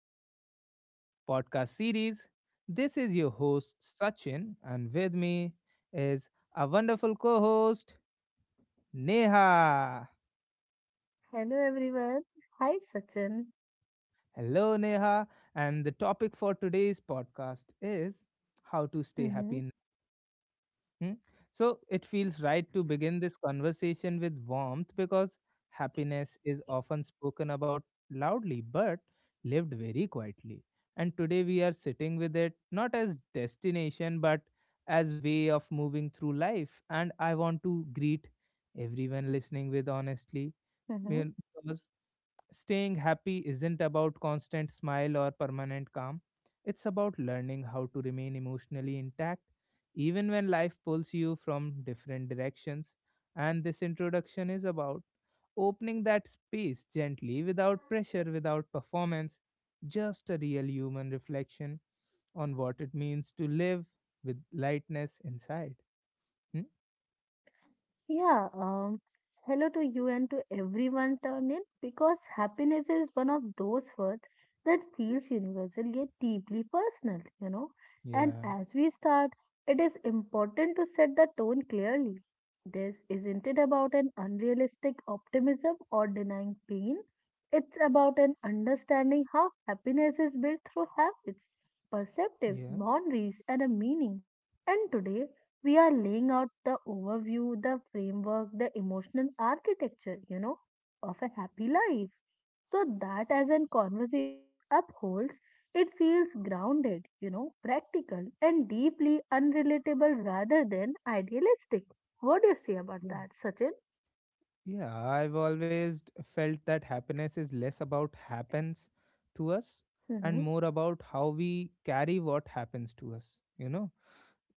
or, uh, of our podcast series. This is your host, Sachin, and with me is our wonderful co host, Neha. Hello everyone. Hi Sachin. Hello, Neha. And the topic for today's podcast is how to stay Mm-hmm. happy. Hmm? So it feels right to begin this conversation with warmth because happiness is often spoken about loudly but lived very quietly. And today we are sitting with it not as destination but as way of moving through life. And I want to greet everyone listening with honestly. Mm-hmm. Well, because staying happy isn't about constant smile or permanent calm. It's about learning how to remain emotionally intact even when life pulls you from different directions. And this introduction is about opening that space gently, without pressure, without performance, just a real human reflection on what it means to live with lightness inside. Hmm? Yeah, hello to you and to everyone turn in because happiness is one of those words that feels universal yet deeply personal. And Yeah, as we start, it is important to set the tone clearly. This isn't it about an unrealistic optimism or denying pain. It's about an understanding how happiness is built through habits, perceptives, yeah, boundaries, and a meaning. And today, we are laying out the overview, the framework, the emotional architecture, of a happy life. So that as in conversations upholds, it feels grounded, practical and deeply unrelatable rather than idealistic. What do you say about yeah, that, Sachin? yeah, I've always felt that happiness is less about happens to us and Mm-hmm. more about how we carry what happens to us, you know.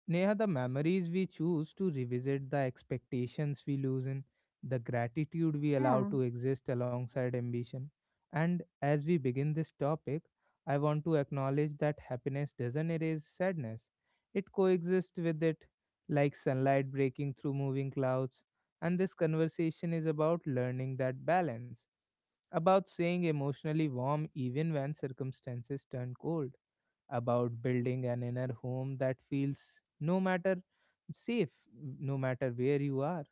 Neha, the memories we choose to revisit, the expectations we lose in, the gratitude we allow Yeah. to exist alongside ambition. And as we begin this topic, I want to acknowledge that happiness doesn't erase sadness, it coexists with it, like sunlight breaking through moving clouds. And this conversation is about learning that balance, about staying emotionally warm even when circumstances turn cold about building an inner home that feels no matter safe, no matter where you are.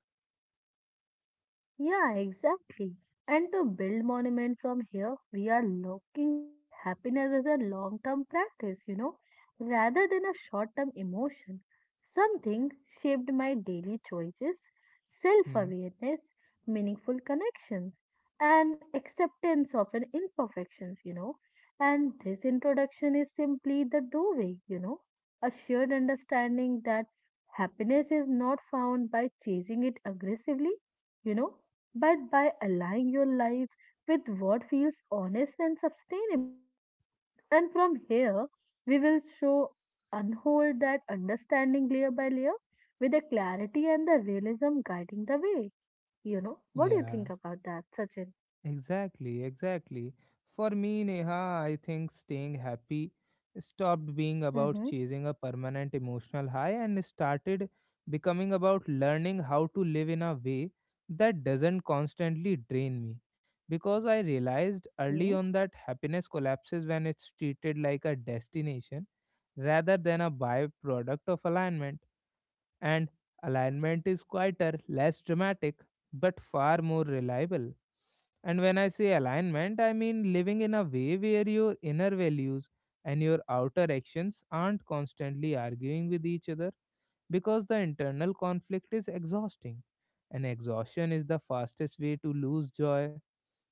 Yeah, exactly. And to build monument from here, we are looking at happiness as a long-term practice, rather than a short-term emotion. Something shaped my daily choices, Hmm. self-awareness, meaningful connections, and acceptance of an imperfections. And this introduction is simply the doorway, a shared understanding that happiness is not found by chasing it aggressively you know but by aligning your life with what feels honest and sustainable. And from here, we will show unhold that understanding layer by layer with the clarity and the realism guiding the way. What do you Yeah. think about that, Sachin? Exactly, exactly. For me, Neha, I think staying happy stopped being about Mm-hmm. chasing a permanent emotional high and started becoming about learning how to live in a way that doesn't constantly drain me. Because I realized early on that happiness collapses when it's treated like a destination rather than a byproduct of alignment and alignment is quieter, less dramatic, but far more reliable. And when I say alignment, I mean living in a way where your inner values and your outer actions aren't constantly arguing with each other because the internal conflict is exhausting. And exhaustion is the fastest way to lose joy.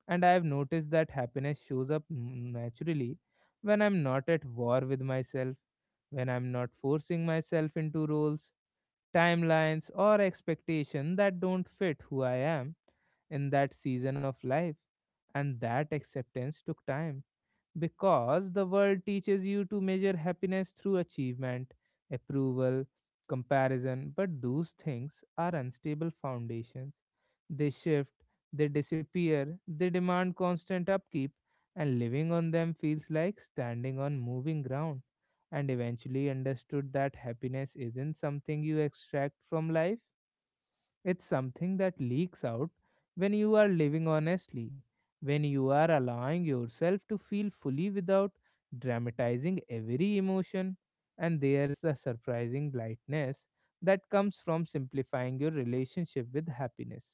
And I have noticed that happiness shows up naturally when I'm not at war with myself, when I'm not forcing myself into roles, timelines, or expectation that don't fit who I am in that season of life. And that acceptance took time because the world teaches you to measure happiness through achievement, approval, comparison, but those things are unstable foundations. They shift, they disappear, they demand constant upkeep, and living on them feels like standing on moving ground. And eventually understood that happiness isn't something you extract from life, it's something that leaks out when you are living honestly, when you are allowing yourself to feel fully without dramatizing every emotion. And there's the surprising lightness that comes from simplifying your relationship with happiness,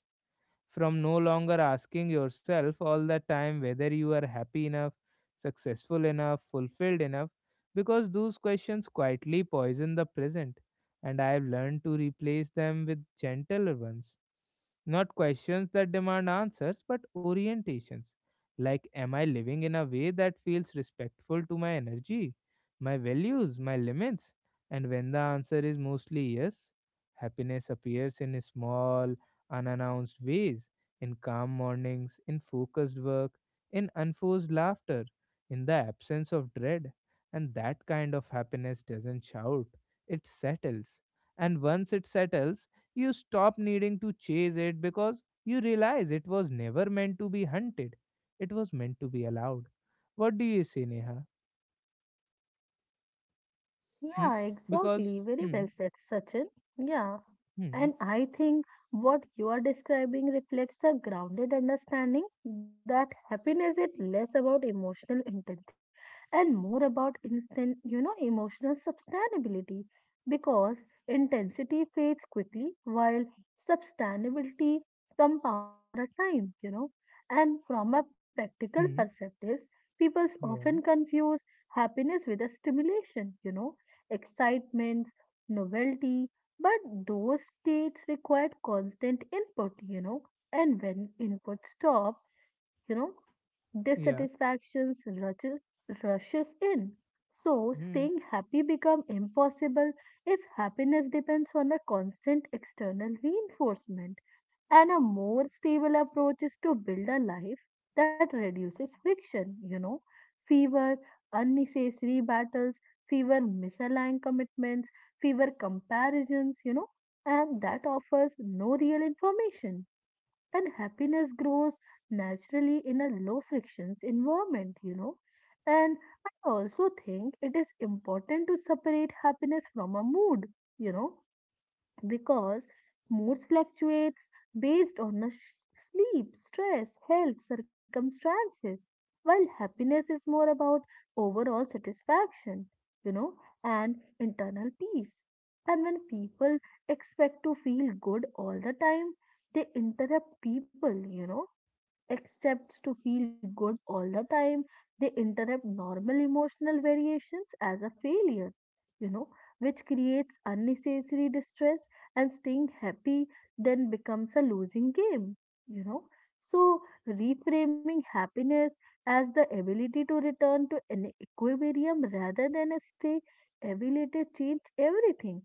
from no longer asking yourself all the time whether you are happy enough, successful enough, fulfilled enough, because those questions quietly poison the present. And I have learned to replace them with gentler ones not questions that demand answers, but orientations. Like, am I living in a way that feels respectful to my energy, my values, my limits? And when the answer is mostly yes, happiness appears in small, unannounced ways in calm mornings, in focused work, in unforced laughter, in the absence of dread. And that kind of happiness doesn't shout, it settles. And once it settles, you stop needing to chase it because you realize it was never meant to be hunted. It was meant to be allowed. What do you say, Neha? Hmm? Yeah, Because, exactly. Very hmm, well said, Sachin. Yeah. hmm, And I think what you are describing reflects a grounded understanding that happiness is less about emotional intensity and more about instant, emotional sustainability because intensity fades quickly while sustainability compounds over a time. And from a practical hmm, perspective, people often yeah, confuse happiness with a stimulation, excitement, novelty, but those states required constant input, and when input stop, you know, yeah, dissatisfactions rushes in. So hmm, staying happy become impossible if happiness depends on a constant external reinforcement. And a more stable approach is to build a life that reduces friction, fewer unnecessary battles, fewer misaligned commitments, fewer comparisons, and that offers no real information. And happiness grows naturally in a low frictions environment. And I also think it is important to separate happiness from a mood, you know because moods fluctuates based on the sleep, stress, health, circumstances, while happiness is more about overall satisfaction, you know, and internal peace. And when people expect to feel good all the time, they interrupt people, accepts to feel good all the time, they interrupt normal emotional variations as a failure, you know, which creates unnecessary distress and staying happy then becomes a losing game, you know. So, reframing happiness as the ability to return to an equilibrium rather than a stay ability change everything.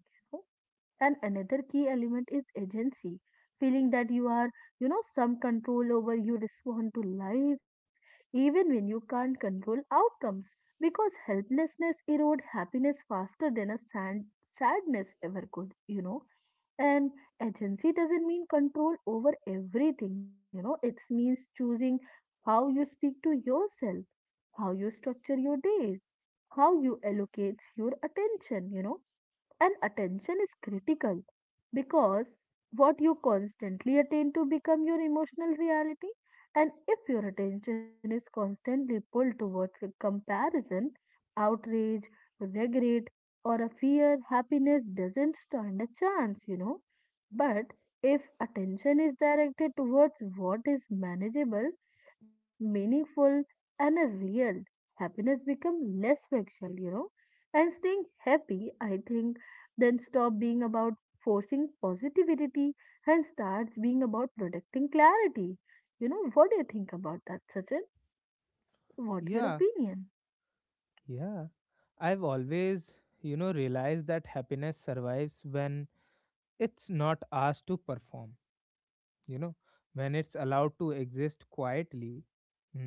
And another key element is agency, feeling that you are, some control over you respond to life, even when you can't control outcomes. Because helplessness erode happiness faster than a sadness ever could. And agency doesn't mean control over everything. It means choosing how you speak to yourself, how you structure your days, how you allocate your attention, and attention is critical because what you constantly attend to become your emotional reality. And if your attention is constantly pulled towards a comparison, outrage, regret, or a fear, happiness doesn't stand a chance. But if attention is directed towards what is manageable, meaningful, and a real, happiness become less fragile, and staying happy I think then stop being about forcing positivity and starts being about protecting clarity. What do you think about that, Sachin? What your yeah, opinion? yeah. I've always, you know, realized that happiness survives when it's not asked to perform, you know, when it's allowed to exist quietly. Hmm?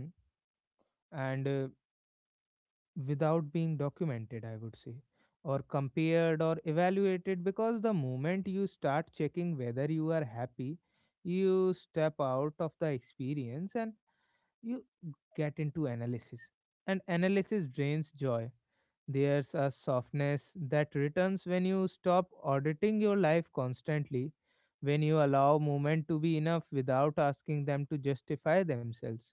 And Without being documented, I would say, or compared or evaluated. Because the moment you start checking whether you are happy, you step out of the experience and you get into analysis. And analysis drains joy. There's a softness that returns when you stop auditing your life constantly, when you allow movement to be enough without asking them to justify themselves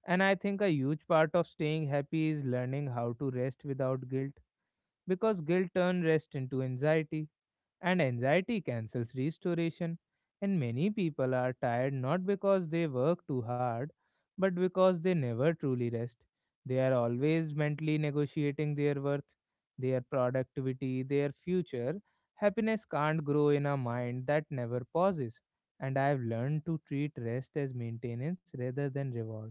and I think a huge part of staying happy is learning how to rest without guilt because guilt turns rest into anxiety and anxiety cancels restoration. And many people are tired not because they work too hard but because they never truly rest. They are always mentally negotiating their worth, their productivity, their future. Happiness can't grow in a mind that never pauses. And I've learned to treat rest as maintenance rather than reward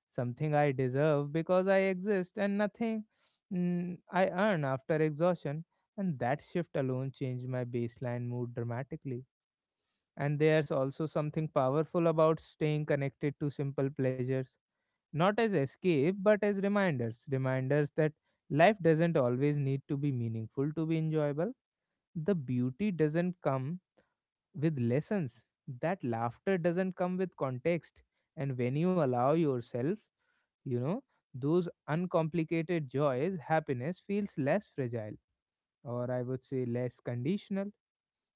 something I deserve because I exist and nothing I earn after exhaustion. And that shift alone changed my baseline mood dramatically. And there's also something powerful about staying connected to simple pleasures, not as escape, but as reminders reminders that life doesn't always need to be meaningful to be enjoyable. The beauty doesn't come with lessons, that laughter doesn't come with context. And when you allow yourself, you know those uncomplicated joys happiness feels less fragile or I would say less conditional.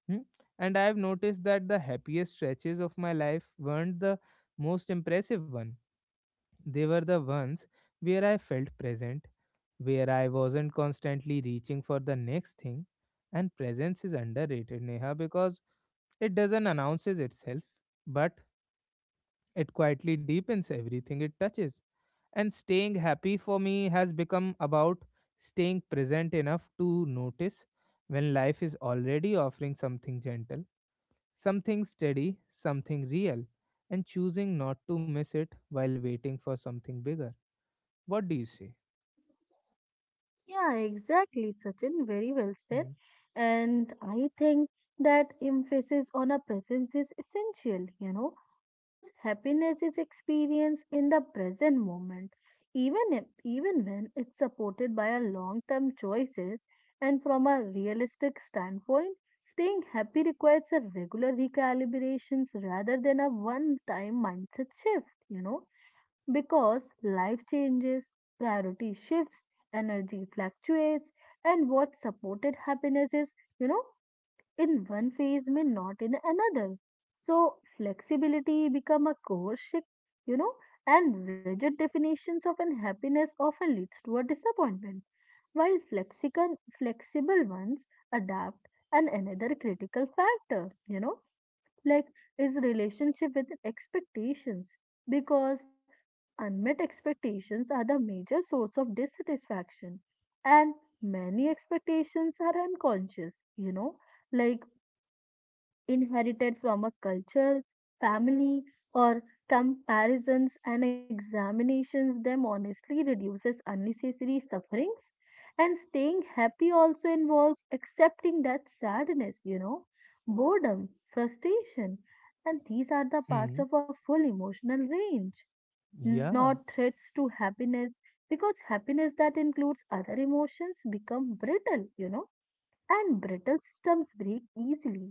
hmm? And I've noticed that the happiest stretches of my life weren't the most impressive one, they were the ones where I felt present, where I wasn't constantly reaching for the next thing and presence is underrated Neha because it doesn't announces itself but it quietly deepens everything it touches. And staying happy for me has become about staying present enough to notice when life is already offering something gentle, something steady, something real, and choosing not to miss it while waiting for something bigger. What do you say? Yeah, exactly, Sachin. Very well said. Hmm. And I think that emphasis on a presence is essential, because happiness is experienced in the present moment, even if, even when it's supported by a long-term choices. And from a realistic standpoint, staying happy requires a regular recalibrations rather than a one-time mindset shift, because life changes, priority shifts, energy fluctuates, and what supported happiness is, you know, in one phase may not in another. So flexibility become a core shift, you know, and rigid definitions of an happiness often leads to a disappointment, while flexible ones adapt and another critical factor, like is relationship with expectations because unmet expectations are the major source of dissatisfaction and many expectations are unconscious like inherited from a culture, family, or comparisons and examinations them honestly reduces unnecessary sufferings. And staying happy also involves accepting that sadness, boredom, frustration, and these are the parts of Hmm. our full emotional range, not Yeah. threats to happiness, because happiness that includes other emotions become brittle, and brittle systems break easily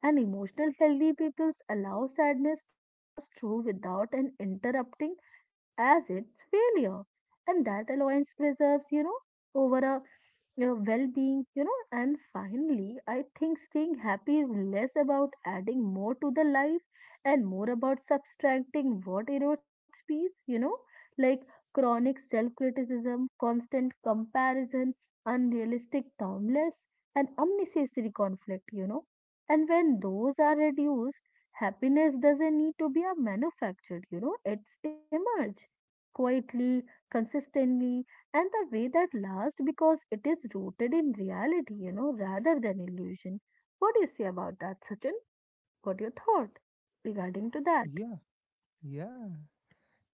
and emotional healthy peoples allow sadness to pass through without an interrupting as its failure. And that alliance preserves, over a your well-being, and finally I think staying happy is less about adding more to the life and more about subtracting what erodes peace like chronic self-criticism constant comparison unrealistic timeless and unnecessary conflict, and when those are reduced, happiness doesn't need to be a manufactured, it's emerge quietly, consistently, and the way that lasts because it is rooted in reality, rather than illusion. What do you say about that, Sachin? What your thought regarding to that? Yeah. Yeah.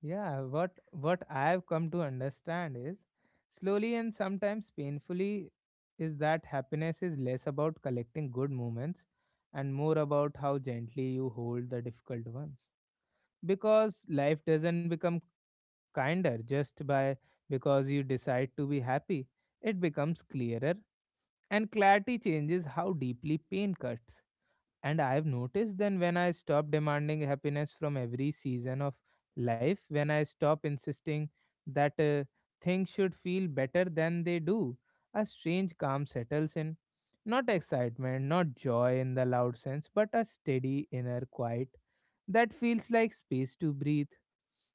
Yeah, what I've come to understand is slowly and sometimes painfully is that happiness is less about collecting good moments and more about how gently you hold the difficult ones. Because life doesn't become kinder just by because you decide to be happy. It becomes clearer and clarity changes how deeply pain cuts. And I've noticed then when I stop demanding happiness from every season of life, when I stop insisting that things should feel better than they do, a strange calm settles in. Not excitement, not joy in the loud sense, but a steady inner quiet that feels like space to breathe.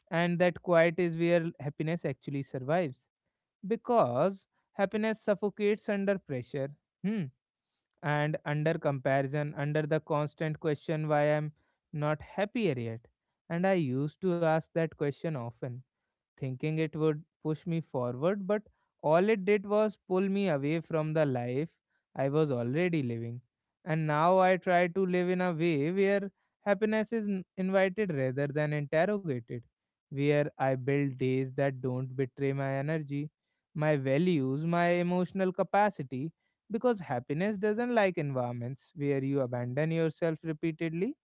And that quiet is where happiness actually survives because happiness suffocates under pressure. Hmm and under comparison, under the constant question why I'm not happier yet. And I used to ask that question often thinking it would push me forward, but all it did was pull me away from the life I was already living. And now I try to live in a way where happiness is invited rather than interrogated, where I build days that don't betray my energy, my values, my emotional capacity, because happiness doesn't like environments where you abandon yourself repeatedly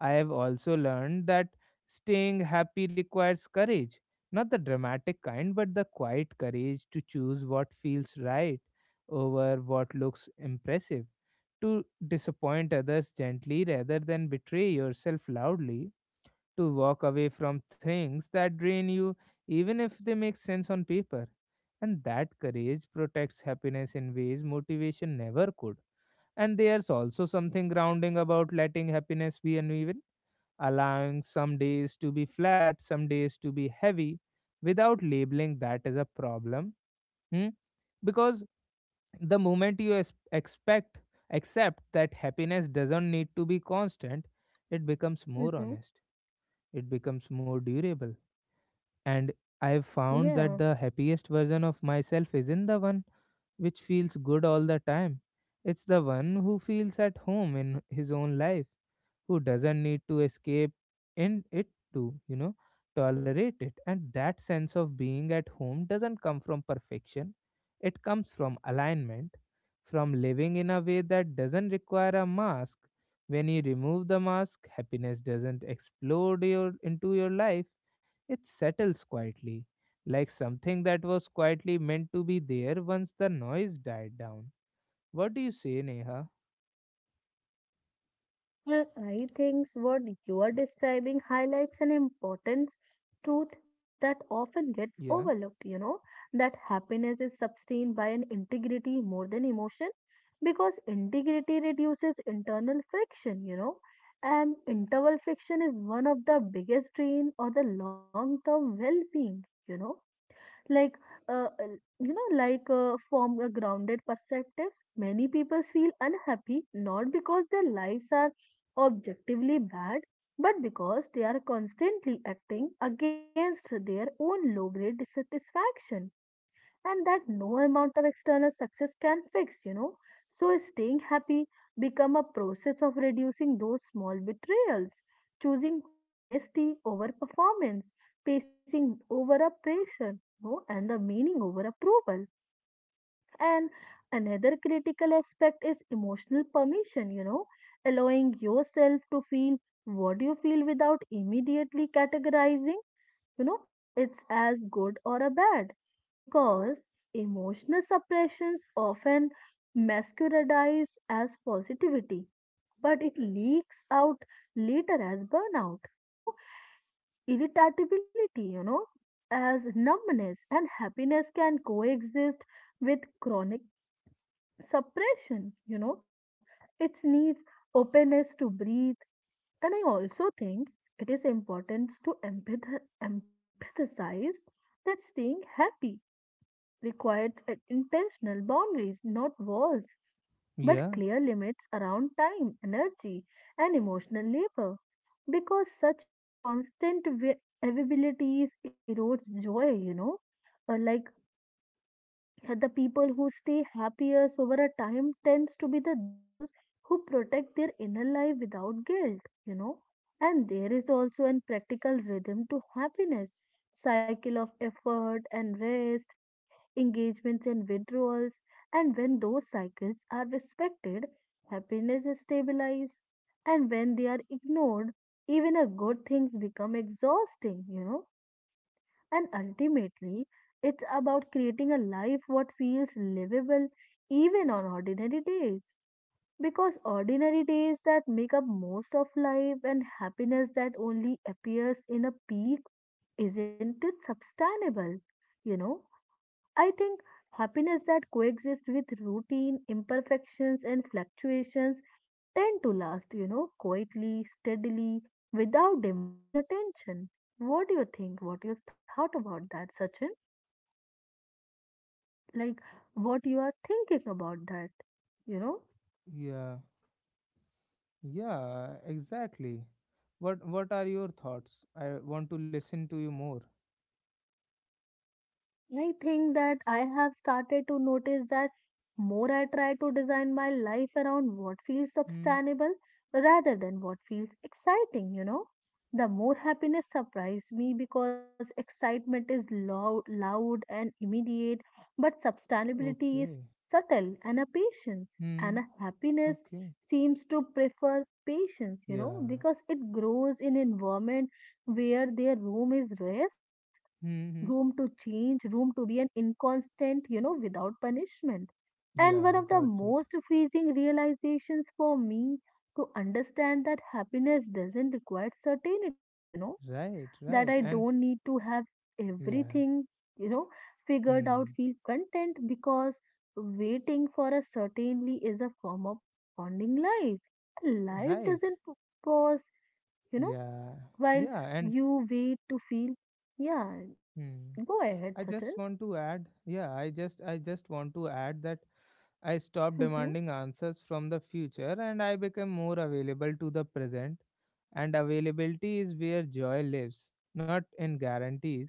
I have also learned that staying happy requires courage, not the dramatic kind, but the quiet courage to choose what feels right over what looks impressive, to disappoint others gently rather than betray yourself loudly, to walk away from things that drain you even if they make sense on paper. And that courage protects happiness in ways motivation never could. And there's also something grounding about letting happiness be uneven allowing some days to be flat, some days to be heavy, without labeling that as a problem. Hmm? Because the moment you accept that happiness doesn't need to be constant, it becomes more Mm-hmm. honest, it becomes more durable. And I have Yeah. found that the happiest version of myself isn't the one which feels good all the time. It's the one who feels at home in his own life who doesn't need to escape in it to, you know, tolerate it. And that sense of being at home doesn't come from perfection, it comes from alignment, from living in a way that doesn't require a mask. When you remove the mask, happiness doesn't explode your, into your life, it settles quietly. Like something that was quietly meant to be there once the noise died down. What do you say, Neha? Well, I think what you are describing highlights an important truth that often gets Yeah, overlooked, that happiness is sustained by an integrity more than emotion because integrity reduces internal friction, and internal friction is one of the biggest drain or the long-term well-being, like uh, uh, from a grounded perspective many people feel unhappy not because their lives are objectively bad but because they are constantly acting against their own low grade dissatisfaction and that no amount of external success can fix. So staying happy become a process of reducing those small betrayals, choosing honesty over performance, pacing over oppression, and the meaning over approval. And another critical aspect is emotional permission, allowing yourself to feel what you feel without immediately categorizing it's as good or a bad because emotional suppressions often masquerades as positivity but it leaks out later as burnout, irritability, as numbness and happiness can coexist with chronic suppression, it needs openness to breathe and I also think it is important to emphasize that staying happy requires an intentional boundaries, not walls, but yeah, clear limits around time, energy, and emotional labor. Because such in constant availabilities erodes joy. Uh, like the people who stay happiest over a time tends to be the those who protect their inner life without guilt, and there is also an practical rhythm to happiness cycle of effort and rest engagements and withdrawals and when those cycles are respected happiness is stabilized and when they are ignored even a good things become exhausting, and ultimately, it's about creating a life what feels livable even on ordinary days. Because ordinary days that make up most of life and happiness that only appears in a peak isn't it sustainable? You know, I think happiness that coexists with routine, imperfections, and fluctuations tend to last, quietly, steadily, without demanding attention. What do you think? What you thought about that, Sachin? Like, what you are thinking about that? You know? yeah, yeah, exactly. What are your thoughts? I want to listen to you more. I think that I have started to notice that more I try to design my life around what feels Hmm. sustainable rather than what feels exciting. The more happiness surprised me because excitement is loud and immediate, but sustainability is Okay. subtle and a patience and Hmm. a happiness Okay. seems to prefer patience, Yeah. because it grows in environment where their room is rest Hmm. room to hmm. change, room to be an inconstant, without punishment. And one of Yeah, the got it. most freezing realizations for me to understand that happiness doesn't require certainty, Right, that I right. And don't need to have yeah. everything, you know, figured out, Hmm. feel content because waiting for a certainty is a form of postponing life. Life Right. doesn't pause you know, Yeah. while Yeah, and you wait to feel, yeah, hmm. go ahead, I Sachin. just want to add, yeah, I just want to add that I stopped Mhm, demanding answers from the future and I became more available to the present. And availability is where joy lives, not in guarantees.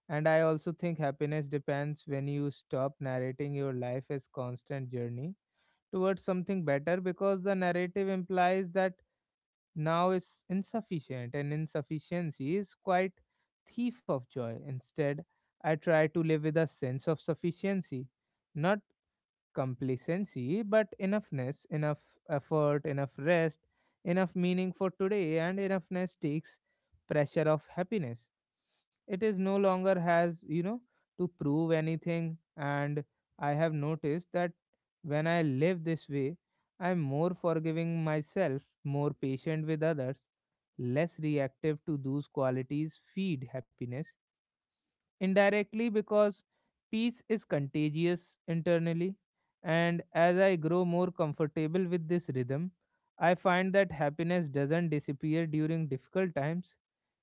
And I also think happiness depends when you stop narrating your life as constant journey towards something better because the narrative implies that now is insufficient and insufficiency is quite thief of joy instead I try to live with a sense of sufficiency not complacency, but enoughness, enough effort, enough rest, enough meaning for today, and enoughness takes pressure of happiness. It is no longer has, to prove anything. And I have noticed that when I live this way, I'm more forgiving myself, more patient with others, less reactive to those qualities feed happiness indirectly because peace is contagious internally. And as I grow more comfortable with this rhythm, I find that happiness doesn't disappear during difficult times.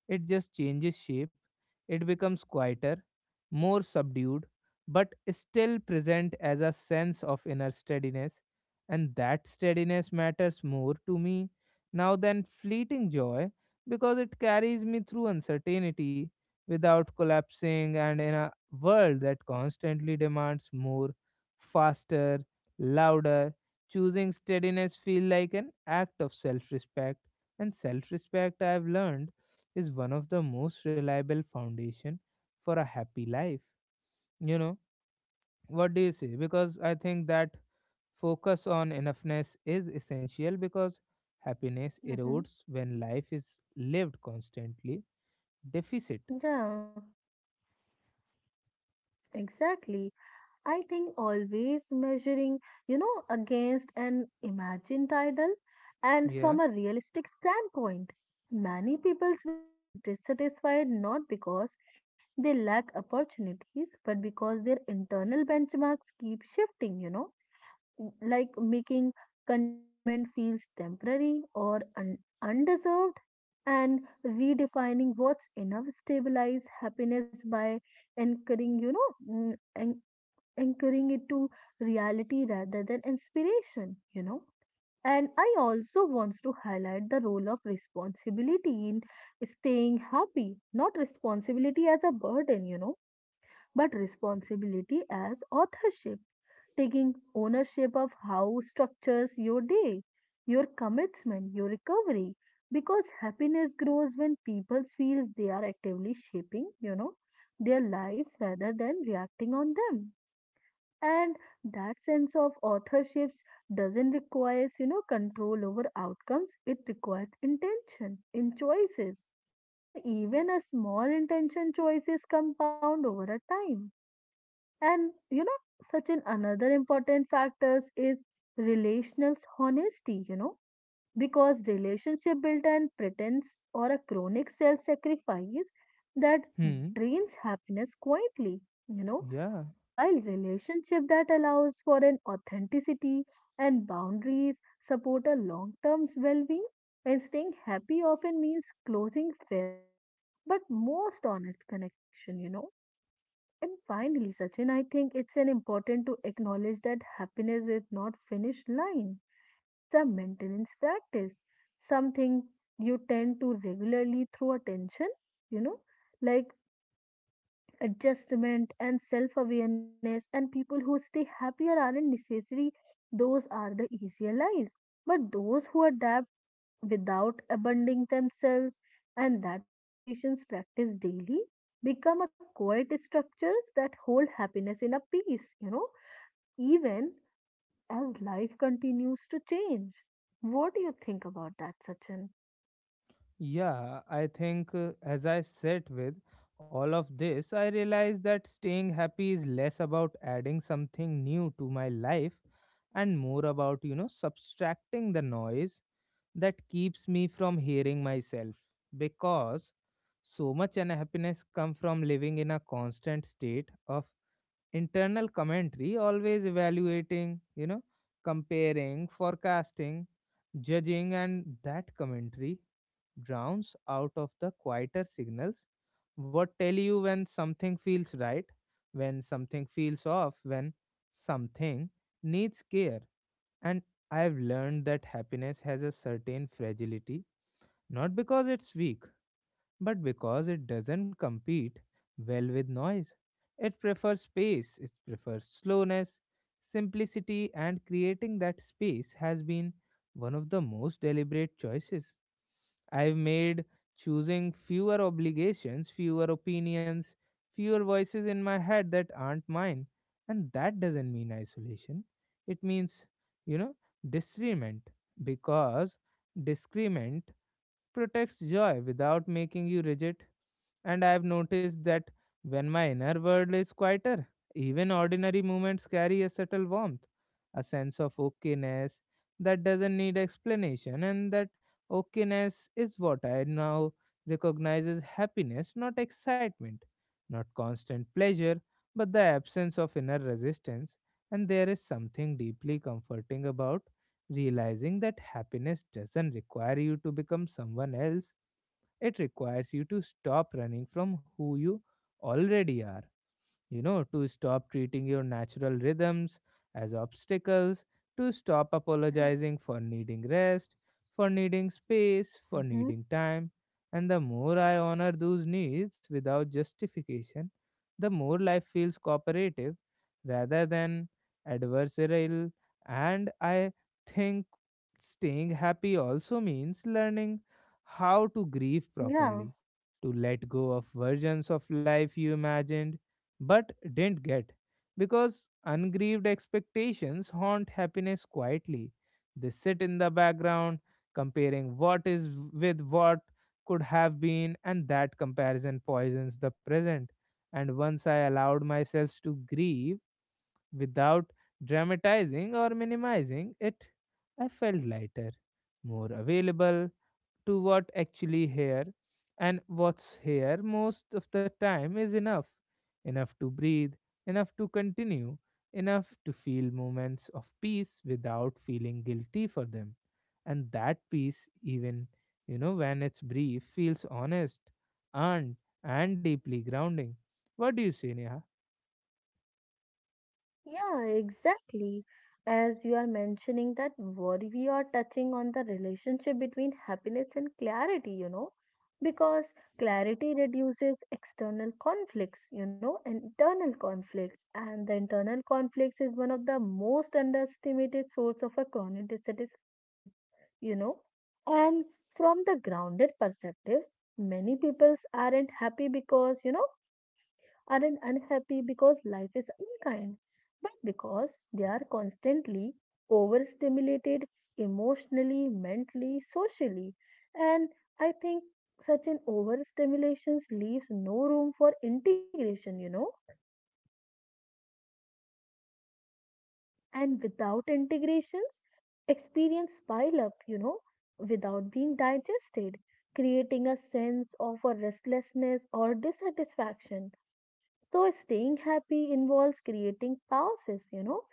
It just changes shape. It becomes quieter, more subdued, but still present as a sense of inner steadiness. And that steadiness matters more to me now than fleeting joy because it carries me through uncertainty without collapsing. And in a world that constantly demands more, faster, louder, choosing steadiness feel like an act of self-respect, and self-respect I have learned is one of the most reliable foundation for a happy life, you know? What do you say? Because I think that focus on enoughness is essential because happiness mhm. erodes when life is lived constantly deficit. Yeah, exactly. I think always measuring, against an imagined ideal and Yeah. from a realistic standpoint. Many people remains dissatisfied not because they lack opportunities, but because their internal benchmarks keep shifting, making contentment feels temporary or undeserved and redefining what's enough stabilize happiness by anchoring you know mm, an- anchoring it to reality rather than inspiration, and I also wants to highlight the role of responsibility in staying happy. Not responsibility as a burden, but responsibility as authorship taking ownership of how structures your day, your commitment, your recovery. Because happiness grows when people feels they are actively shaping, their lives rather than reacting on them. And that sense of authorships doesn't require, control over outcomes. It requires intention in choices. And even a small intention choices compound over a time and such an another important factors is relational honesty, because relationship built on pretense or a chronic self-sacrifice that Hmm. drains happiness quietly, you know, Yeah. while relationship that allows for an authenticity and boundaries support a long-term well-being and staying happy often means closing favor but most honest connection. And finally, Sachin, I think it's an important to acknowledge that happiness is not finished line. It's a maintenance practice, something you tend to regularly through attention, you know, like adjustment and self-awareness. And people who stay happier aren't necessary; those are the easier lives. But those who adapt without abandoning themselves, and that adaptations practiced daily become a quiet structures that hold happiness in a peace, even as life continues to change. What do you think about that, Sachin? Yeah, I think as I sit with all of this I realized that staying happy is less about adding something new to my life and more about, you know, subtracting the noise that keeps me from hearing myself, because so much unhappiness comes from living in a constant state of internal commentary, always evaluating, you know, comparing, forecasting, judging. And that commentary drowns out of the quieter signals, what tell you when something feels right, when something feels off, when something needs care. And I've learned that happiness has a certain fragility, not because it's weak but because it doesn't compete well with noise. It prefers space, it prefers slowness, simplicity. And creating that space has been one of the most deliberate choices I've made, choosing fewer obligations, fewer opinions, fewer voices in my head that aren't mine. And that doesn't mean isolation. It means, you know, discernment. Because discernment protects joy without making you rigid. And I've noticed that when my inner world is quieter, even ordinary moments carry a subtle warmth, a sense of okayness that doesn't need explanation, and that okayness is what I now recognize as happiness, not excitement, not constant pleasure, but the absence of inner resistance. And there is something deeply comforting about realizing that happiness doesn't require you to become someone else. It requires you to stop running from who you already are, you know, to stop treating your natural rhythms as obstacles, to stop Yeah. apologizing for needing rest, for needing space, for Hmm. needing time. And the more I honor those needs without justification, the more life feels cooperative rather than adversarial. And I think staying happy also means learning how to grieve Yeah. properly, to let go of versions of life you imagined but didn't get, because ungrieved expectations haunt happiness quietly. They sit in the background, comparing what is with what could have been, and that comparison poisons the present. And once I allowed myself to grieve without dramatizing or minimizing it, I felt lighter, more available, to what actually here. And what's here most of the time is enough. Enough to breathe, enough to continue, enough to feel moments of peace without feeling guilty for them. And that peace, even, you know, when it's brief, feels honest and deeply grounding. What do you say, Neha? Yeah, exactly. As you are mentioning that what we are touching on the relationship between happiness and clarity, because clarity reduces external conflicts, and internal conflicts. And the internal conflicts is one of the most underestimated source of a chronic dissatisfaction, you know. And from the grounded perspectives, many peoples aren't happy because, aren't unhappy because life is unkind, but because they are constantly overstimulated emotionally, mentally, socially. And I think such an overstimulation leaves no room for integration. And without integrations, experience pile up, without being digested, creating a sense of a restlessness or dissatisfaction. So staying happy involves creating pauses,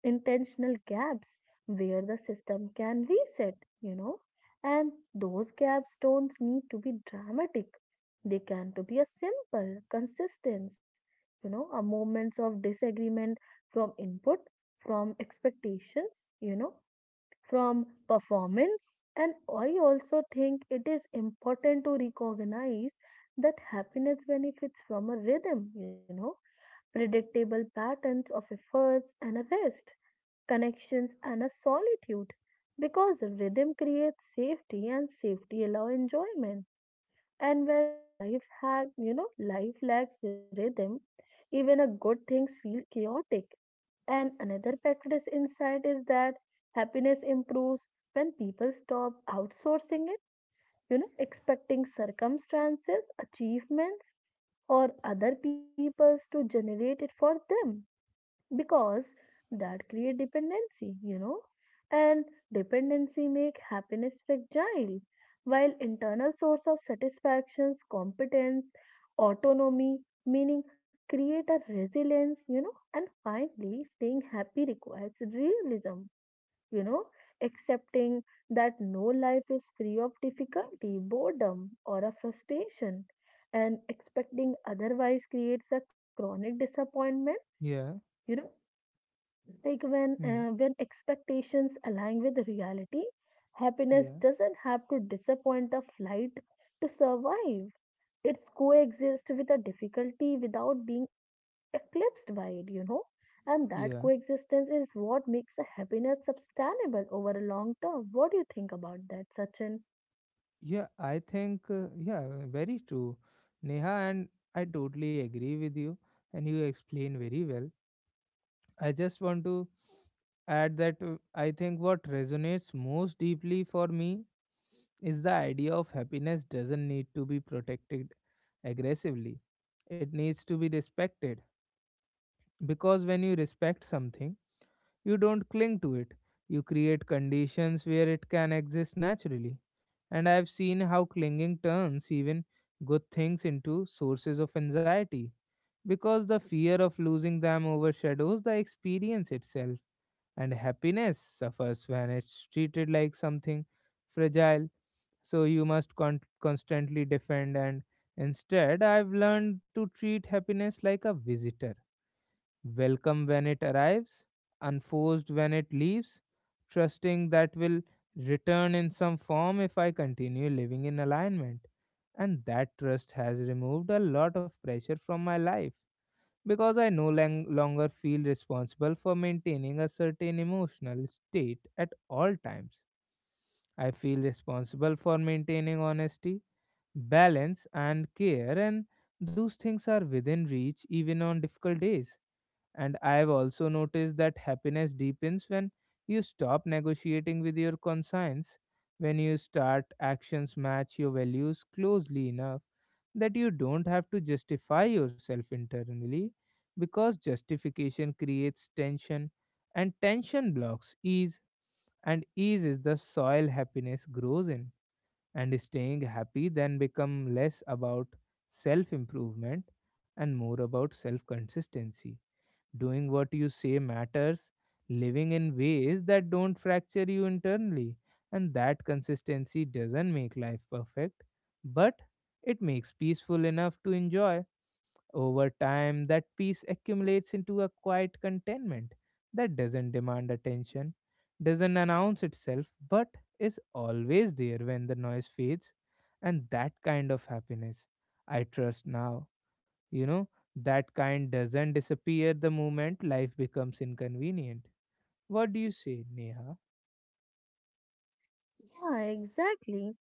intentional gaps where the system can reset, you know, and those gaps don't need to be dramatic. They can to be a simple consistence, a moments of disagreement from input, from expectations, you know, from performance. And I also think it is important to recognize that happiness benefits from a rhythm, predictable patterns of efforts and a rest connections, and a solitude because rhythm creates safety and safety allows enjoyment. And when life have life lacks rhythm, even a good things feel chaotic. And another practice insight is that happiness improves when people stop outsourcing it, expecting circumstances, achievements, or other peoples to generate it for them because that create dependency, and dependency make happiness fragile while internal source of satisfactions competence autonomy meaning create a resilience. And finally staying happy requires realism you know accepting that no life is free of difficulty boredom or a frustration and expecting otherwise creates a chronic disappointment Yeah. you know like Hmm. when expectations align with reality, happiness doesn't have to disappoint a flight to survive. It's coexist with a difficulty without being eclipsed by it, And that Yeah. coexistence is what makes a happiness sustainable over a long term. What do you think about that, Sachin? Yeah, I think very true, Neha, and I totally agree with you, and you explain very well. I just want to add that I think what resonates most deeply for me is the idea of happiness doesn't need to be protected aggressively, it needs to be respected. Because when you respect something, you don't cling to it. You create conditions where it can exist naturally. And I've seen how clinging turns even good things into sources of anxiety because the fear of losing them overshadows the experience itself. And happiness suffers when it's treated like something fragile, so you must constantly defend. And instead, I've learned to treat happiness like a visitor, welcome when it arrives, unforced when it leaves, trusting that will return in some form if I continue living in alignment. And that trust has removed a lot of pressure from my life because I no longer feel responsible for maintaining a certain emotional state at all times. I feel responsible for maintaining honesty, balance, and care, and those things are within reach even on difficult days. And I've also noticed that happiness deepens when you stop negotiating with your conscience, when you start actions match your values closely enough that you don't have to justify yourself internally, because justification creates tension, and tension blocks ease, and ease is the soil happiness grows in. And staying happy then become less about self improvement and more about self consistency. Doing what you say matters, living in ways that don't fracture you internally. And that consistency doesn't make life perfect, but it makes peaceful enough to enjoy. Over time, that peace accumulates into a quiet contentment that doesn't demand attention, doesn't announce itself, but is always there when the noise fades. And that kind of happiness I trust now. You know, that kind doesn't disappear the moment life becomes inconvenient. What do you say, Neha? Yeah, exactly.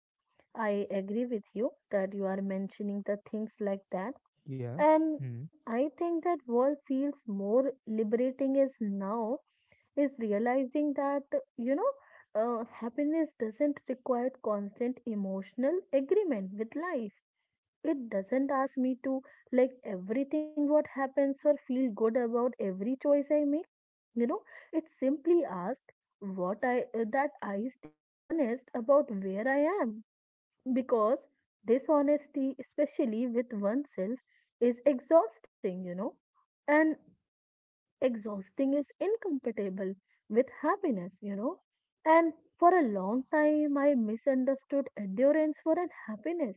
I agree with you that you are mentioning the things like that. Yeah. And Hmm. I think that world feels more liberating is now is realizing that you know happiness doesn't require constant emotional agreement with life. It doesn't ask me to like everything what happens or feel good about every choice I make. You know, it simply asks what I that I stay honest about where I am because dishonesty, especially with oneself, is exhausting, And exhausting is incompatible with happiness, And for a long time, I misunderstood endurance for an happiness.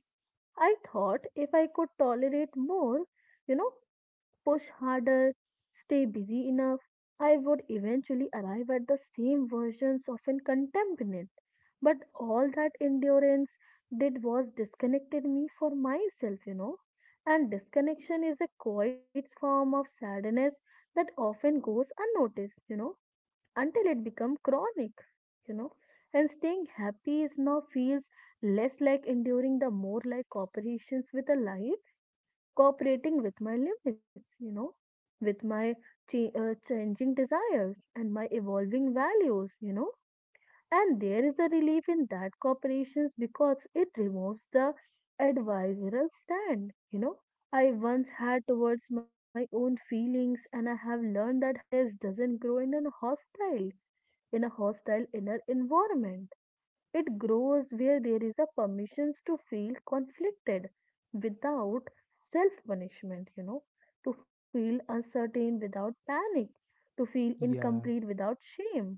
I thought if I could tolerate more, you know, push harder, stay busy enough, I would eventually arrive at the same versions of an contentment. But all that endurance did was disconnected me for myself, And disconnection is a quiet form of sadness that often goes unnoticed, until it becomes chronic, you know. And staying happy is now feels less like enduring the more like cooperations with a life, cooperating with my limits, with my changing desires and my evolving values, And there is a relief in that corporations because it removes the advisorial stand. You know, I once had towards my own feelings, and I have learned that happiness doesn't grow in a hostile inner environment. It grows where there is a permissions to feel conflicted without self punishment, to feel uncertain without panic, to feel Yeah. incomplete without shame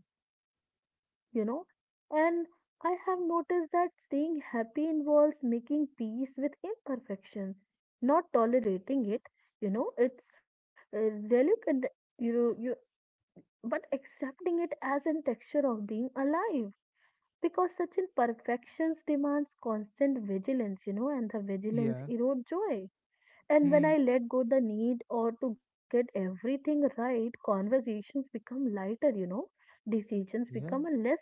you know. And I have noticed that staying happy involves making peace with imperfections, not tolerating it, It's relevant, you know, you, but accepting it as a texture of being alive. Because such imperfections demands constant vigilance, and the vigilance Yeah. erodes joy. And when Hmm. I let go the need or to get everything right, conversations become lighter, decisions Yeah. become a less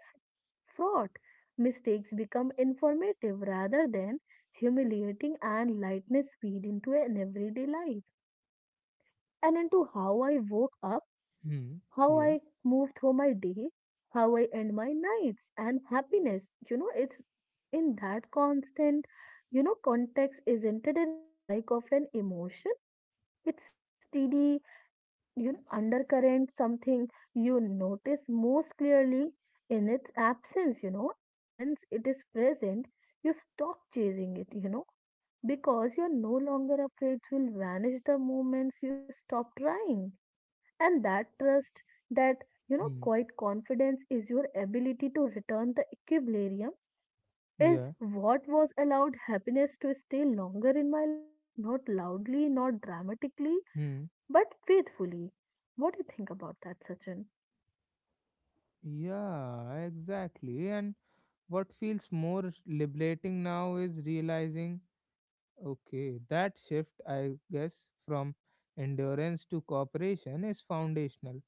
fraught. Mistakes become informative rather than humiliating, and lightness feed into an everyday life and into how I woke up, Hmm. how I Yeah. move through my day, how I end my nights, and happiness. You know, it's in that constant, context, isn't it a spike of an emotion? It's steady, undercurrent, something you notice most clearly in its absence, and when it is present, you stop chasing it, because you're no longer afraid it will vanish the moments you stop trying. And that trust, that, Hmm. quiet confidence is your ability to return the equilibrium is Yeah. what was allowed happiness to stay longer in my life, not loudly, not dramatically, Hmm. but faithfully. What do you think about that, Sachin? Yeah, exactly. And what feels more liberating now is realizing, okay, that shift, I guess, from endurance to cooperation is foundational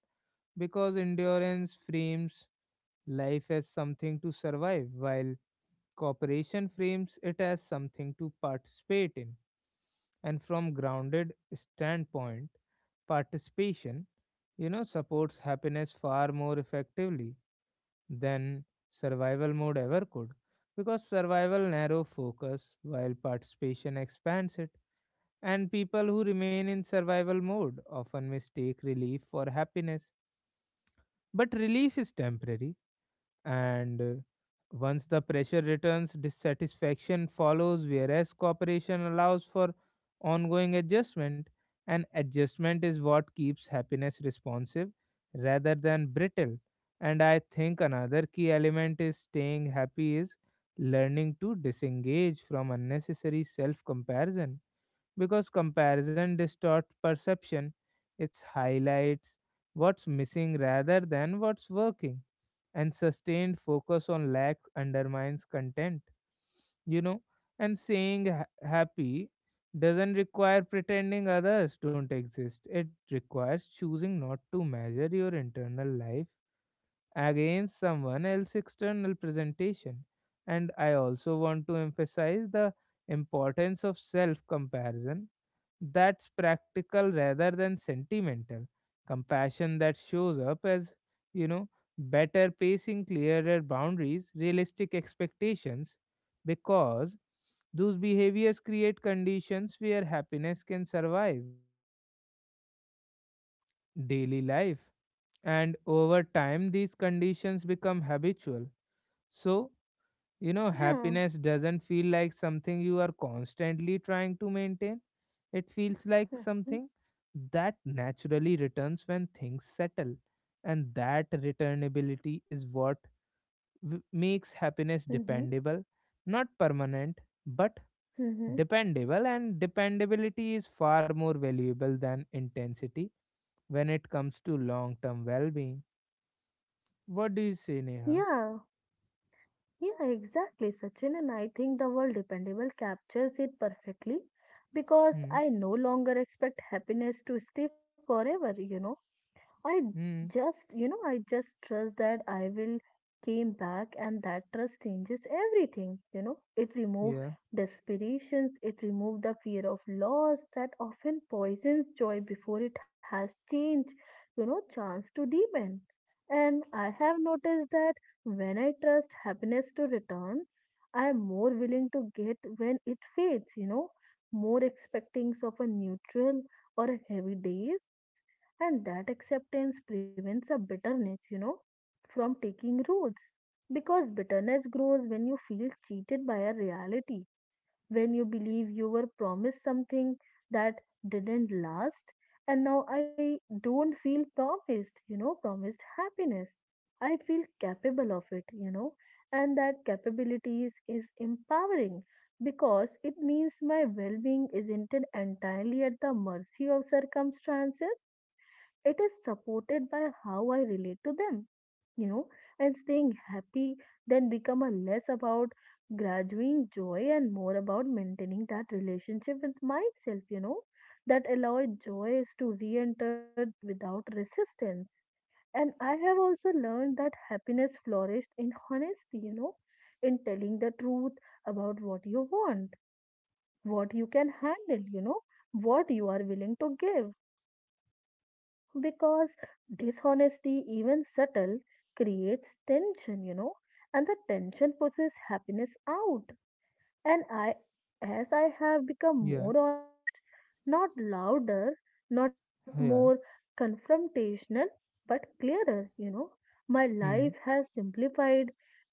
because endurance frames life as something to survive, while cooperation frames it as something to participate in. And from grounded standpoint, participation, you know, supports happiness far more effectively than survival mode ever could, because survival narrow focus while participation expands it. And people who remain in survival mode often mistake relief for happiness. But relief is temporary, and once the pressure returns, dissatisfaction follows, whereas cooperation allows for ongoing adjustment. And adjustment is what keeps happiness responsive rather than brittle. And I think another key element is staying happy is learning to disengage from unnecessary self comparison because comparison distorts perception. It highlights what's missing rather than what's working, and sustained focus on lack undermines content. You know, and saying happy doesn't require pretending others don't exist. It requires choosing not to measure your internal life against someone else's external presentation. And I also want to emphasize the importance of self comparison that's practical rather than sentimental, compassion that shows up as, you know, better pacing, clearer boundaries, realistic expectations, because those behaviors create conditions where happiness can survive daily life. And over time these conditions become habitual, so, you know, Yeah. happiness doesn't feel like something you are constantly trying to maintain. It feels like Mm-hmm. something that naturally returns when things settle. And that returnability is what makes happiness Mm-hmm. dependable, not permanent, but Mm-hmm. dependable. And dependability is far more valuable than intensity when it comes to long term well being. What do you say, Neha? Yeah. Yeah, exactly, Sachin. And I think the word dependable captures it perfectly because Hmm. I no longer expect happiness to stay forever, I Hmm. just, I just trust that I will came back and that trust changes everything, It removed Yeah. desperations, it removed the fear of loss that often poisons joy before it has changed, chance to deepen. And I have noticed that when I trust happiness to return, I am more willing to get when it fades, more expectings of a neutral or a heavy days and that acceptance prevents a bitterness, from taking roots. Because bitterness grows when you feel cheated by a reality when you believe you were promised something that didn't last and now I don't feel promised, promised happiness I feel capable of it, and that capabilities is empowering because it means my well-being isn't entirely at the mercy of circumstances it is supported by how I relate to them you know, and staying happy then become a less about graduating joy and more about maintaining that relationship with myself, that allow joy to re-enter without resistance. And I have also learned that happiness flourished in honesty, in telling the truth about what you want, what you can handle, what you are willing to give because dishonesty, even subtle, creates tension, and the tension pushes happiness out. And I, as I have become Yeah. more honest, not louder, not more Yeah. confrontational, but clearer, my life Hmm. has simplified,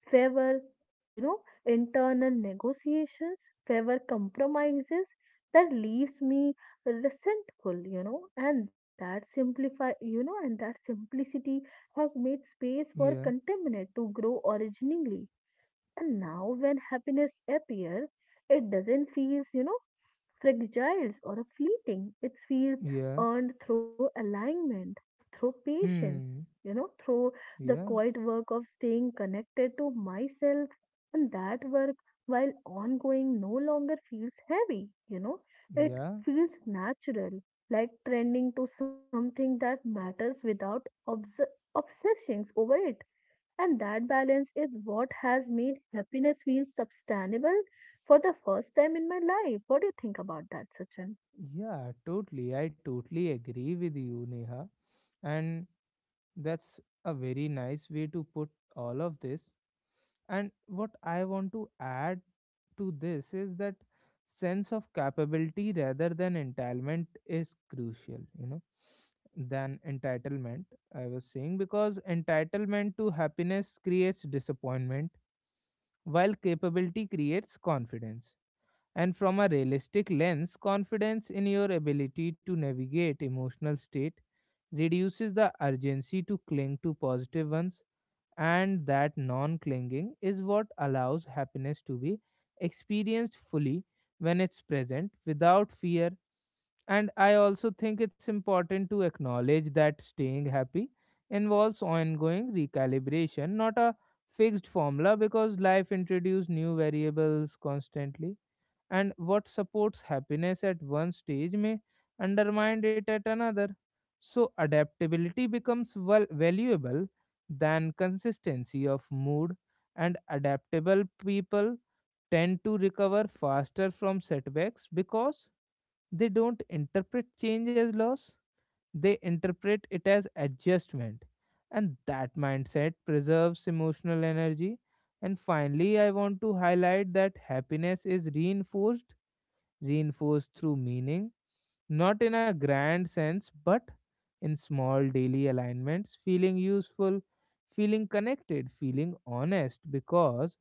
favor, you know, internal negotiations, favor compromises that leaves me resentful, and that simplify, and that simplicity has made space for Yeah. contentment to grow originally and now when happiness appears, it doesn't feel, fragile or fleeting. It feels Yeah. earned through alignment, through patience, Hmm. Through the Yeah. quiet work of staying connected to myself. And that work, while ongoing, no longer feels heavy, it Yeah. feels natural, like trending to something that matters without obs- obsessions over it and that balance is what has made happiness feel sustainable for the first time in my life. What do you think about that, Sachin? Yeah. Totally. I totally agree with you, Neha. And that's a very nice way to put all of this. And what I want to add to this is that sense of capability rather than entitlement is crucial, you know, than entitlement. I was saying because entitlement to happiness creates disappointment while capability creates confidence. And from a realistic lens, confidence in your ability to navigate emotional state reduces the urgency to cling to positive ones, and that non clinging is what allows happiness to be experienced fully when it's present without fear. And I also think it's important to acknowledge that staying happy involves ongoing recalibration, not a fixed formula, because life introduces new variables constantly, and what supports happiness at one stage may undermine it at another. So, adaptability becomes well valuable than consistency of mood, and adaptable people tend to recover faster from setbacks because they don't interpret change as loss, they interpret it as adjustment. And that mindset preserves emotional energy. And finally, I want to highlight that happiness is reinforced through meaning, not in a grand sense, but in small daily alignments, feeling useful, feeling connected, feeling honest, because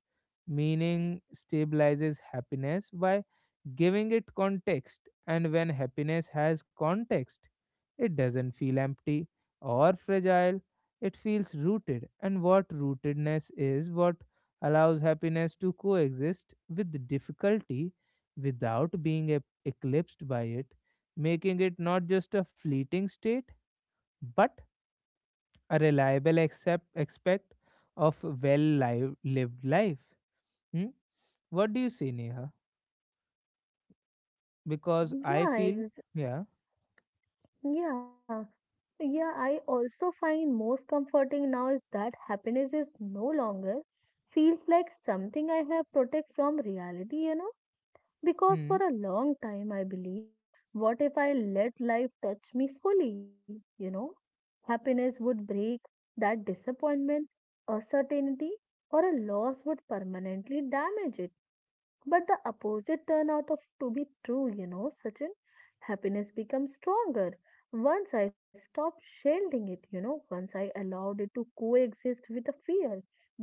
meaning stabilizes happiness by giving it context. And when happiness has context, it doesn't feel empty or fragile, it feels rooted. And what rootedness is, what allows happiness to coexist with difficulty without being eclipsed by it, making it not just a fleeting state, but a reliable aspect of well lived life. Hmm? What do you say, Neha? Because I Yeah, feel, yeah. yeah, yeah. I also find most comforting now is that happiness is no longer feels like something I have protect from reality, because for Hmm. a long time, I believed, what if I let life touch me fully? You know, happiness would break that disappointment, a certainty, or a loss would permanently damage it. But the opposite turn out of to be true, you know, Sachin. Happiness becomes stronger. Once I stopped shielding it, once I allowed it to coexist with a fear,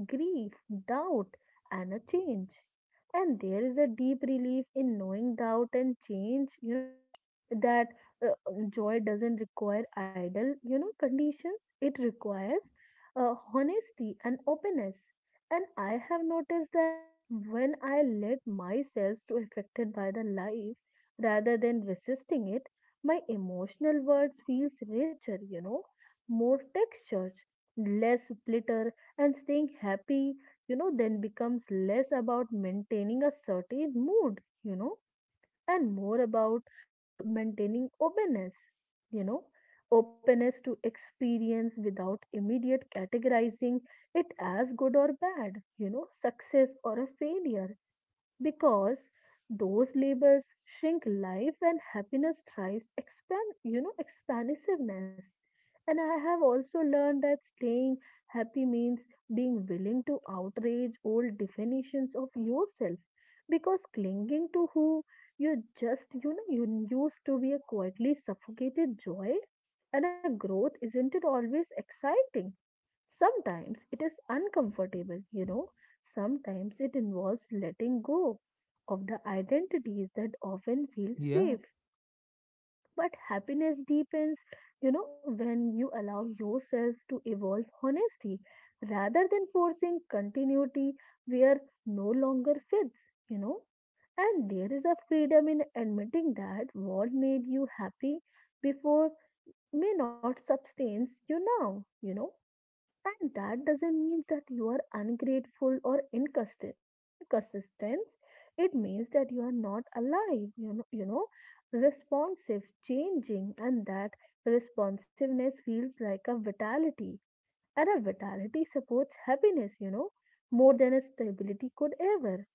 grief, doubt, and a change. And there is a deep relief in knowing doubt and change, you know, that joy doesn't require ideal conditions. It requires honesty and openness, and I have noticed that when I let myself to affected by the life rather than resisting it, my emotional world feels richer, you know, more textured, less glitter. And staying happy, you know, then becomes less about maintaining a certain mood, you know, and more about maintaining openness, you know, openness to experience without immediate categorizing it as good or bad, you know, success or a failure, because those labels shrink life and happiness thrives expand, you know, expansiveness. And I have also learned that staying happy means being willing to outrage old definitions of yourself, because clinging to who you just you know you used to be a quietly suffocated joy. And a growth isn't it always exciting. Sometimes it is uncomfortable, you know, sometimes it involves letting go of the identities that often feel Yeah, safe. But happiness deepens, you know, when you allow yourselves to evolve honesty rather than forcing continuity where no longer fits, you know. And there is a freedom in admitting that what made you happy before may not sustain you now, you know, and that doesn't mean that you are ungrateful or inconsistent. Inconsistent. It means that you are not alive, you know, responsive, changing, and that responsiveness feels like a vitality. And a vitality supports happiness, you know, more than a stability could ever.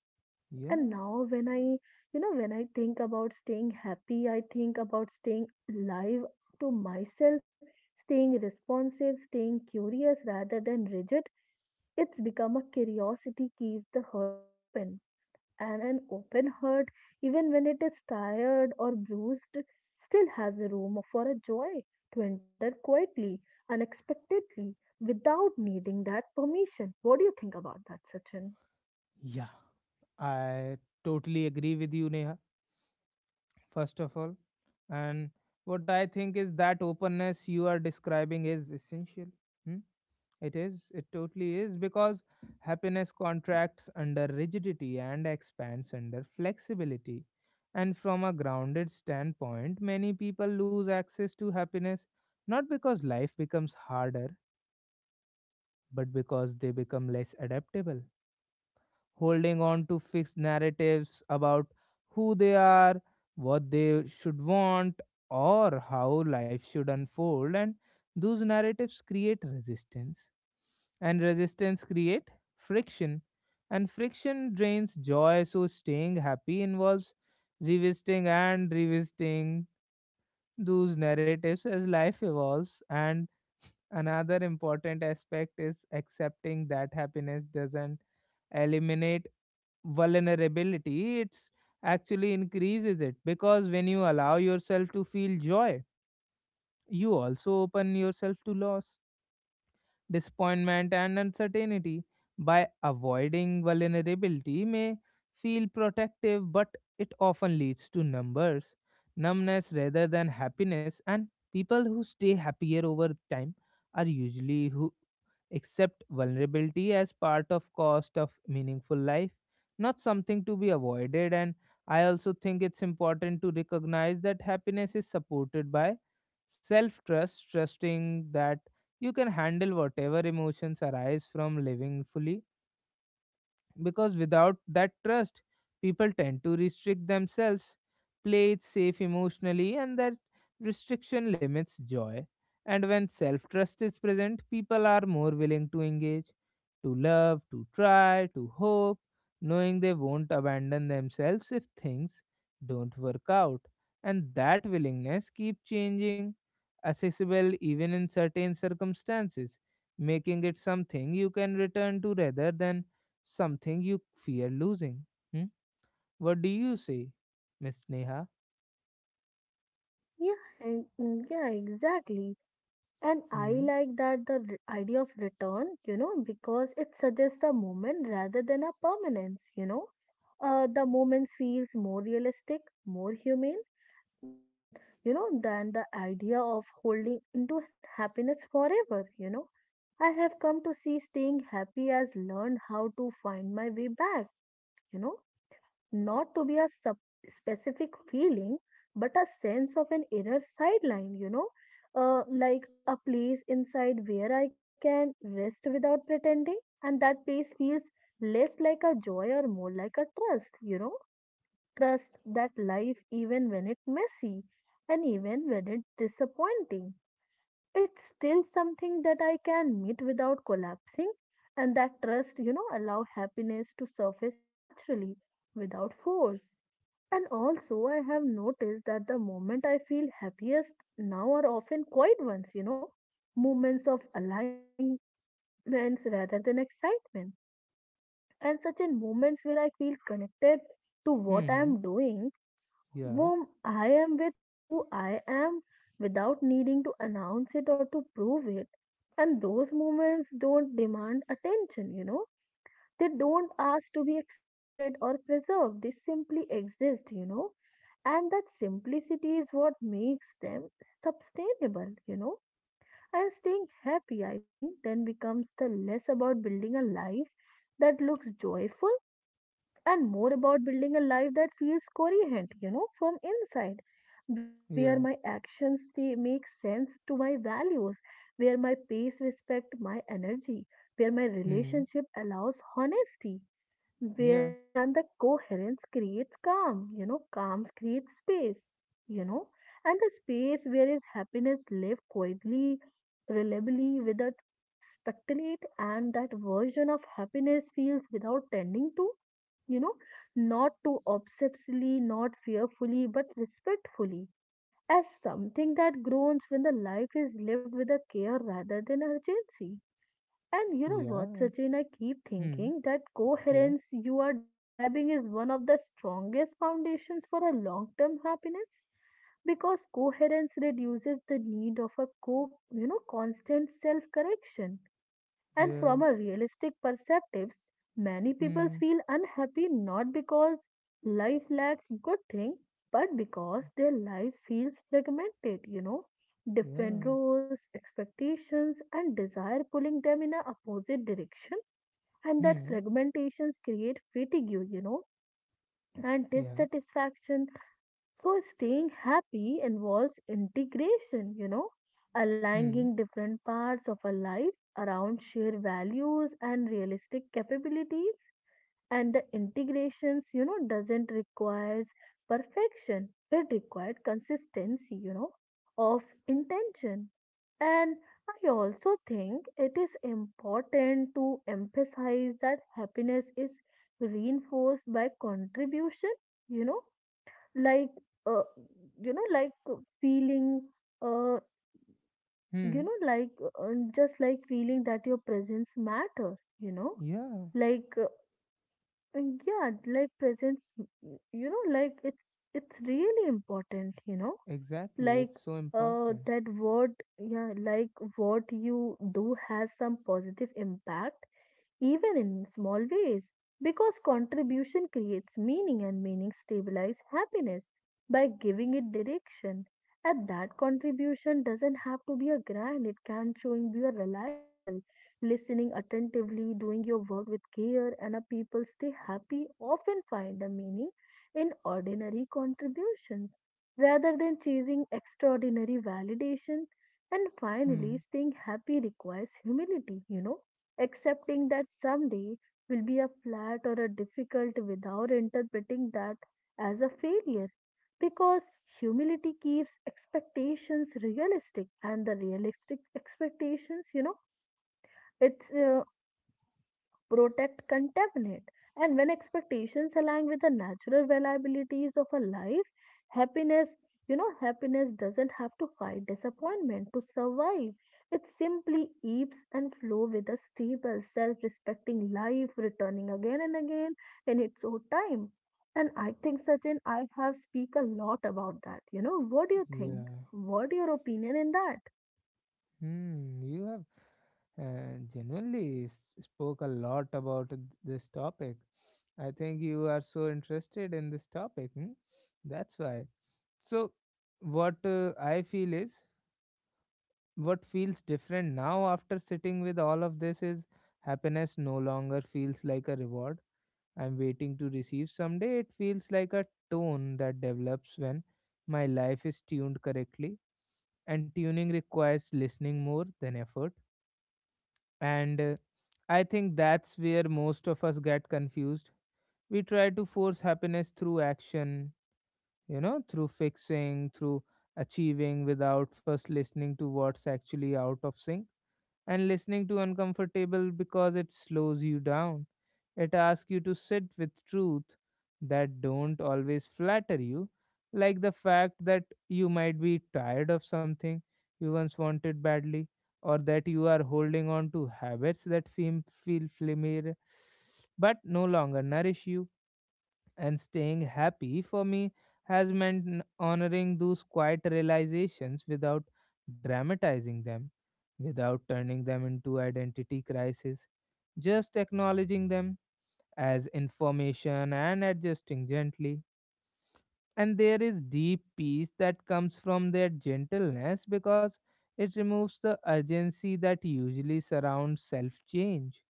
And yeah, now, when I, you know, when I think about staying happy, I think about staying alive to myself, staying responsive, staying curious rather than rigid. It's become a curiosity keeps the heart open. And an open heart, even when it is tired or bruised, still has a room for a joy to enter quietly, unexpectedly, without needing that permission. What do you think about that, Sachin? yeah. I totally agree with you, Neha, first of all. And what I think is that openness you are describing is essential. Hmm? It is, it totally is, because happiness contracts under rigidity and expands under flexibility. And from a grounded standpoint, many people lose access to happiness not because life becomes harder, but because they become less adaptable, holding on to fixed narratives about who they are, what they should want, or how life should unfold. And those narratives create resistance, and resistance create friction, and friction drains joy. So staying happy involves revisiting those narratives as life evolves. And another important aspect is accepting that happiness doesn't eliminate vulnerability, it's actually increases it, because when you allow yourself to feel joy, you also open yourself to loss, disappointment, and uncertainty. By avoiding vulnerability may feel protective, but it often leads to numbness rather than happiness, and people who stay happier over time are usually who accept vulnerability as part of cost of meaningful life, not something to be avoided. And I also think it's important to recognize that happiness is supported by self trust, trusting that you can handle whatever emotions arise from living fully, because without that trust people tend to restrict themselves, play it safe emotionally, and that restriction limits joy. And when self trust is present, people are more willing to engage, to love, to try, to hope, knowing they won't abandon themselves if things don't work out, and that willingness keep changing accessible even in certain circumstances, making it something you can return to rather than something you fear losing. Hmm? What do you say, Miss Neha? Yeah, yeah, exactly. And I Hmm. like that idea of return, you know, because it suggests a moment rather than a permanence, you know. The moments feels more realistic, more humane than, you know, than the idea of holding into happiness forever, you know. I have come to see staying happy as learn how to find my way back, you know, not to be a specific feeling, but a sense of an inner sideline, you know, like a place inside where I can rest without pretending, and that place feels less like a joy or more like a trust, you know, trust that life, even when it's messy and even when it's disappointing, it's still something that I can meet without collapsing. And that trust, you know, allow happiness to surface naturally without force. And also, I have noticed that the moment I feel happiest now are often quiet ones, you know, moments of alignments rather than excitement. And such in moments where I feel connected to what I Hmm. am doing, Yeah. whom I am with, who I am, without needing to announce it or to prove it. And those moments don't demand attention, you know, they don't ask to be extended or preserved, they simply exist, you know. And that simplicity is what makes them sustainable, you know. And staying happy, I think, then becomes the less about building a life that looks joyful and more about building a life that feels coherent, you know, from inside, where my Yeah. actions they make sense to my values, where my pace respect my energy, where my Hmm. relationship allows honesty where, Yeah. and the coherence creates calm, you know, calm creates space, you know, and the space where is happiness live quietly, reliably, without speculate. And that version of happiness feels without tending to, you know, not too obsessively, not fearfully, but respectfully, as something that groans when the life is lived with a care rather than urgency. And you know what, Yeah. Sachin, I keep Hmm. thinking that Yeah. coherence you are describing is one of the strongest foundations for a long-term happiness, because coherence reduces the need of a you know constant self-correction. And Yeah. from a realistic perspective, many people Hmm. feel unhappy not because life lacks good things, but because their lives feels fragmented, you know, different Yeah. roles, expectations, and desire pulling them in a opposite direction. And that Hmm. fragmentations create fatigue, you know, and Yeah. dissatisfaction. So staying happy involves integration, you know, Hmm. aligning different parts of a life around shared values and realistic capabilities. And the integrations, you know, doesn't requires perfection. It required consistency, you know, of intention. And I also think it is important to emphasize that happiness is reinforced by contribution, you know, like uh, you know like feeling uh, you Hmm. know like just like feeling that your presence matter, you know, Yeah. like yeah like presence you know like it's really important, you know, Exactly. like It's so important. that what yeah like what you do has some positive impact, even in small ways, because contribution creates meaning and meaning stabilizes happiness by giving it direction. And that contribution doesn't have to be a grand, it can showing be a reliable listening attentively doing your work with care. And a people stay happy often find a meaning in ordinary contributions rather than chasing extraordinary validation. And Hmm. finally, staying happy requires humility, you know, accepting that someday will be a flat or a difficult without interpreting that as a failure. Because humility keeps expectations realistic, and the realistic expectations, you know, it's protect contentment. And when expectations align with the natural reliabilities of a life, happiness, you know, happiness doesn't have to fight disappointment to survive. It simply ebbs and flows with a stable, self respecting life, returning again and again in its own time. And I think, Sachin, I have speak a lot about that. You know, what do you think? Yeah. What your opinion in that? Hmm, you have genuinely spoke a lot about this topic. I think you are so interested in this topic. Hmm? That's why. So, what I feel is, what feels different now after sitting with all of this is happiness no longer feels like a reward I'm waiting to receive someday. It feels like a tone that develops when my life is tuned correctly, and tuning requires listening more than effort. And I think that's where most of us get confused. We try to force happiness through action, you know, through fixing, through achieving, without first listening to what's actually out of sync, and listening to uncomfortable because it slows you down. It asks you to sit with truth that don't always flatter you, like the fact that you might be tired of something you once wanted badly, or that you are holding on to habits that feel familiar but no longer nourish you. And staying happy for me has meant honoring those quiet realizations without dramatizing them, without turning them into identity crisis, just acknowledging them as information and adjusting gently. And there is deep peace that comes from their gentleness, because it removes the urgency that usually surrounds self change,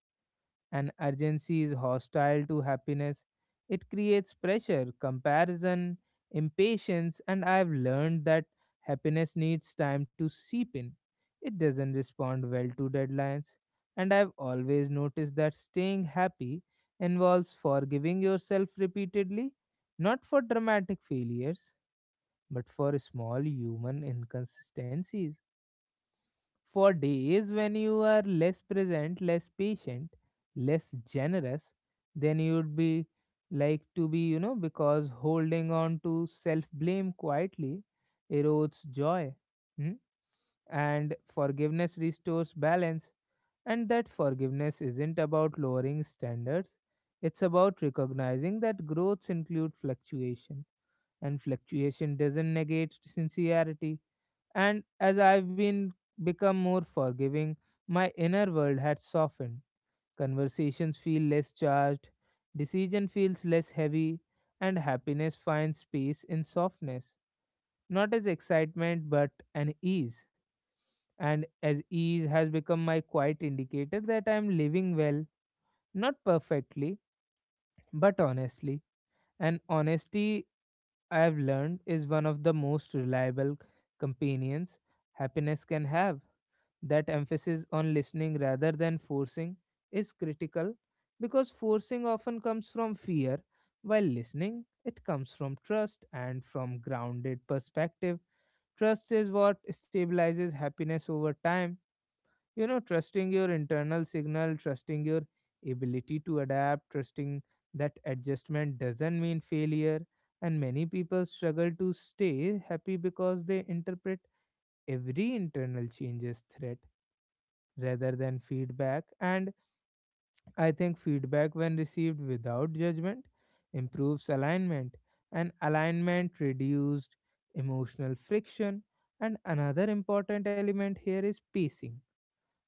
and urgency is hostile to happiness. It creates pressure, comparison, impatience, and I've learned that happiness needs time to seep in. It doesn't respond well to deadlines. And I've always noticed that staying happy involves forgiving yourself repeatedly, not for dramatic failures, but for small human inconsistencies. For days when you are less present, less patient, less generous, then you'd be like to be, you know, because holding on to self blame quietly erodes joy. Hmm? And forgiveness restores balance. And that forgiveness isn't about lowering standards, it's about recognizing that growths include fluctuation, and fluctuation doesn't negate sincerity. And as I've been become more forgiving, my inner world had softened. Conversations feel less charged, decision feels less heavy, and happiness finds peace in softness. Not as excitement, but an ease. And as ease has become my quiet indicator that I am living well, not perfectly, but honestly. And honesty, I have learned, is one of the most reliable companions happiness can have. That emphasis on listening rather than forcing is critical, because forcing often comes from fear, while listening it comes from trust. And from grounded perspective, trust is what stabilizes happiness over time. You know, trusting your internal signal, trusting your ability to adapt, trusting that adjustment doesn't mean failure. And many people struggle to stay happy because they interpret every internal change as threat rather than feedback. And I think feedback, when received without judgment, improves alignment, and alignment reduced emotional friction. And another important element here is pacing.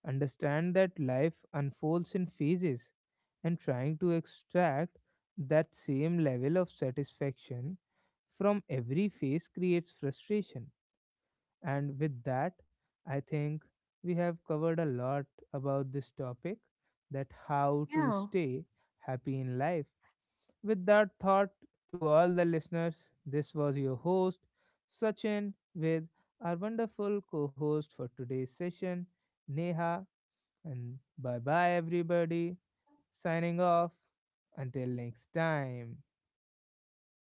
Understand that life unfolds in phases, and trying to extract that same level of satisfaction from every phase creates frustration. And with that, I think we have covered a lot about this topic, that how to Yeah. stay happy in life. With that thought, to all the listeners, this was your host, Sachin, with our wonderful co host for today's session, Neha. And bye bye, everybody. Signing off. Until next time.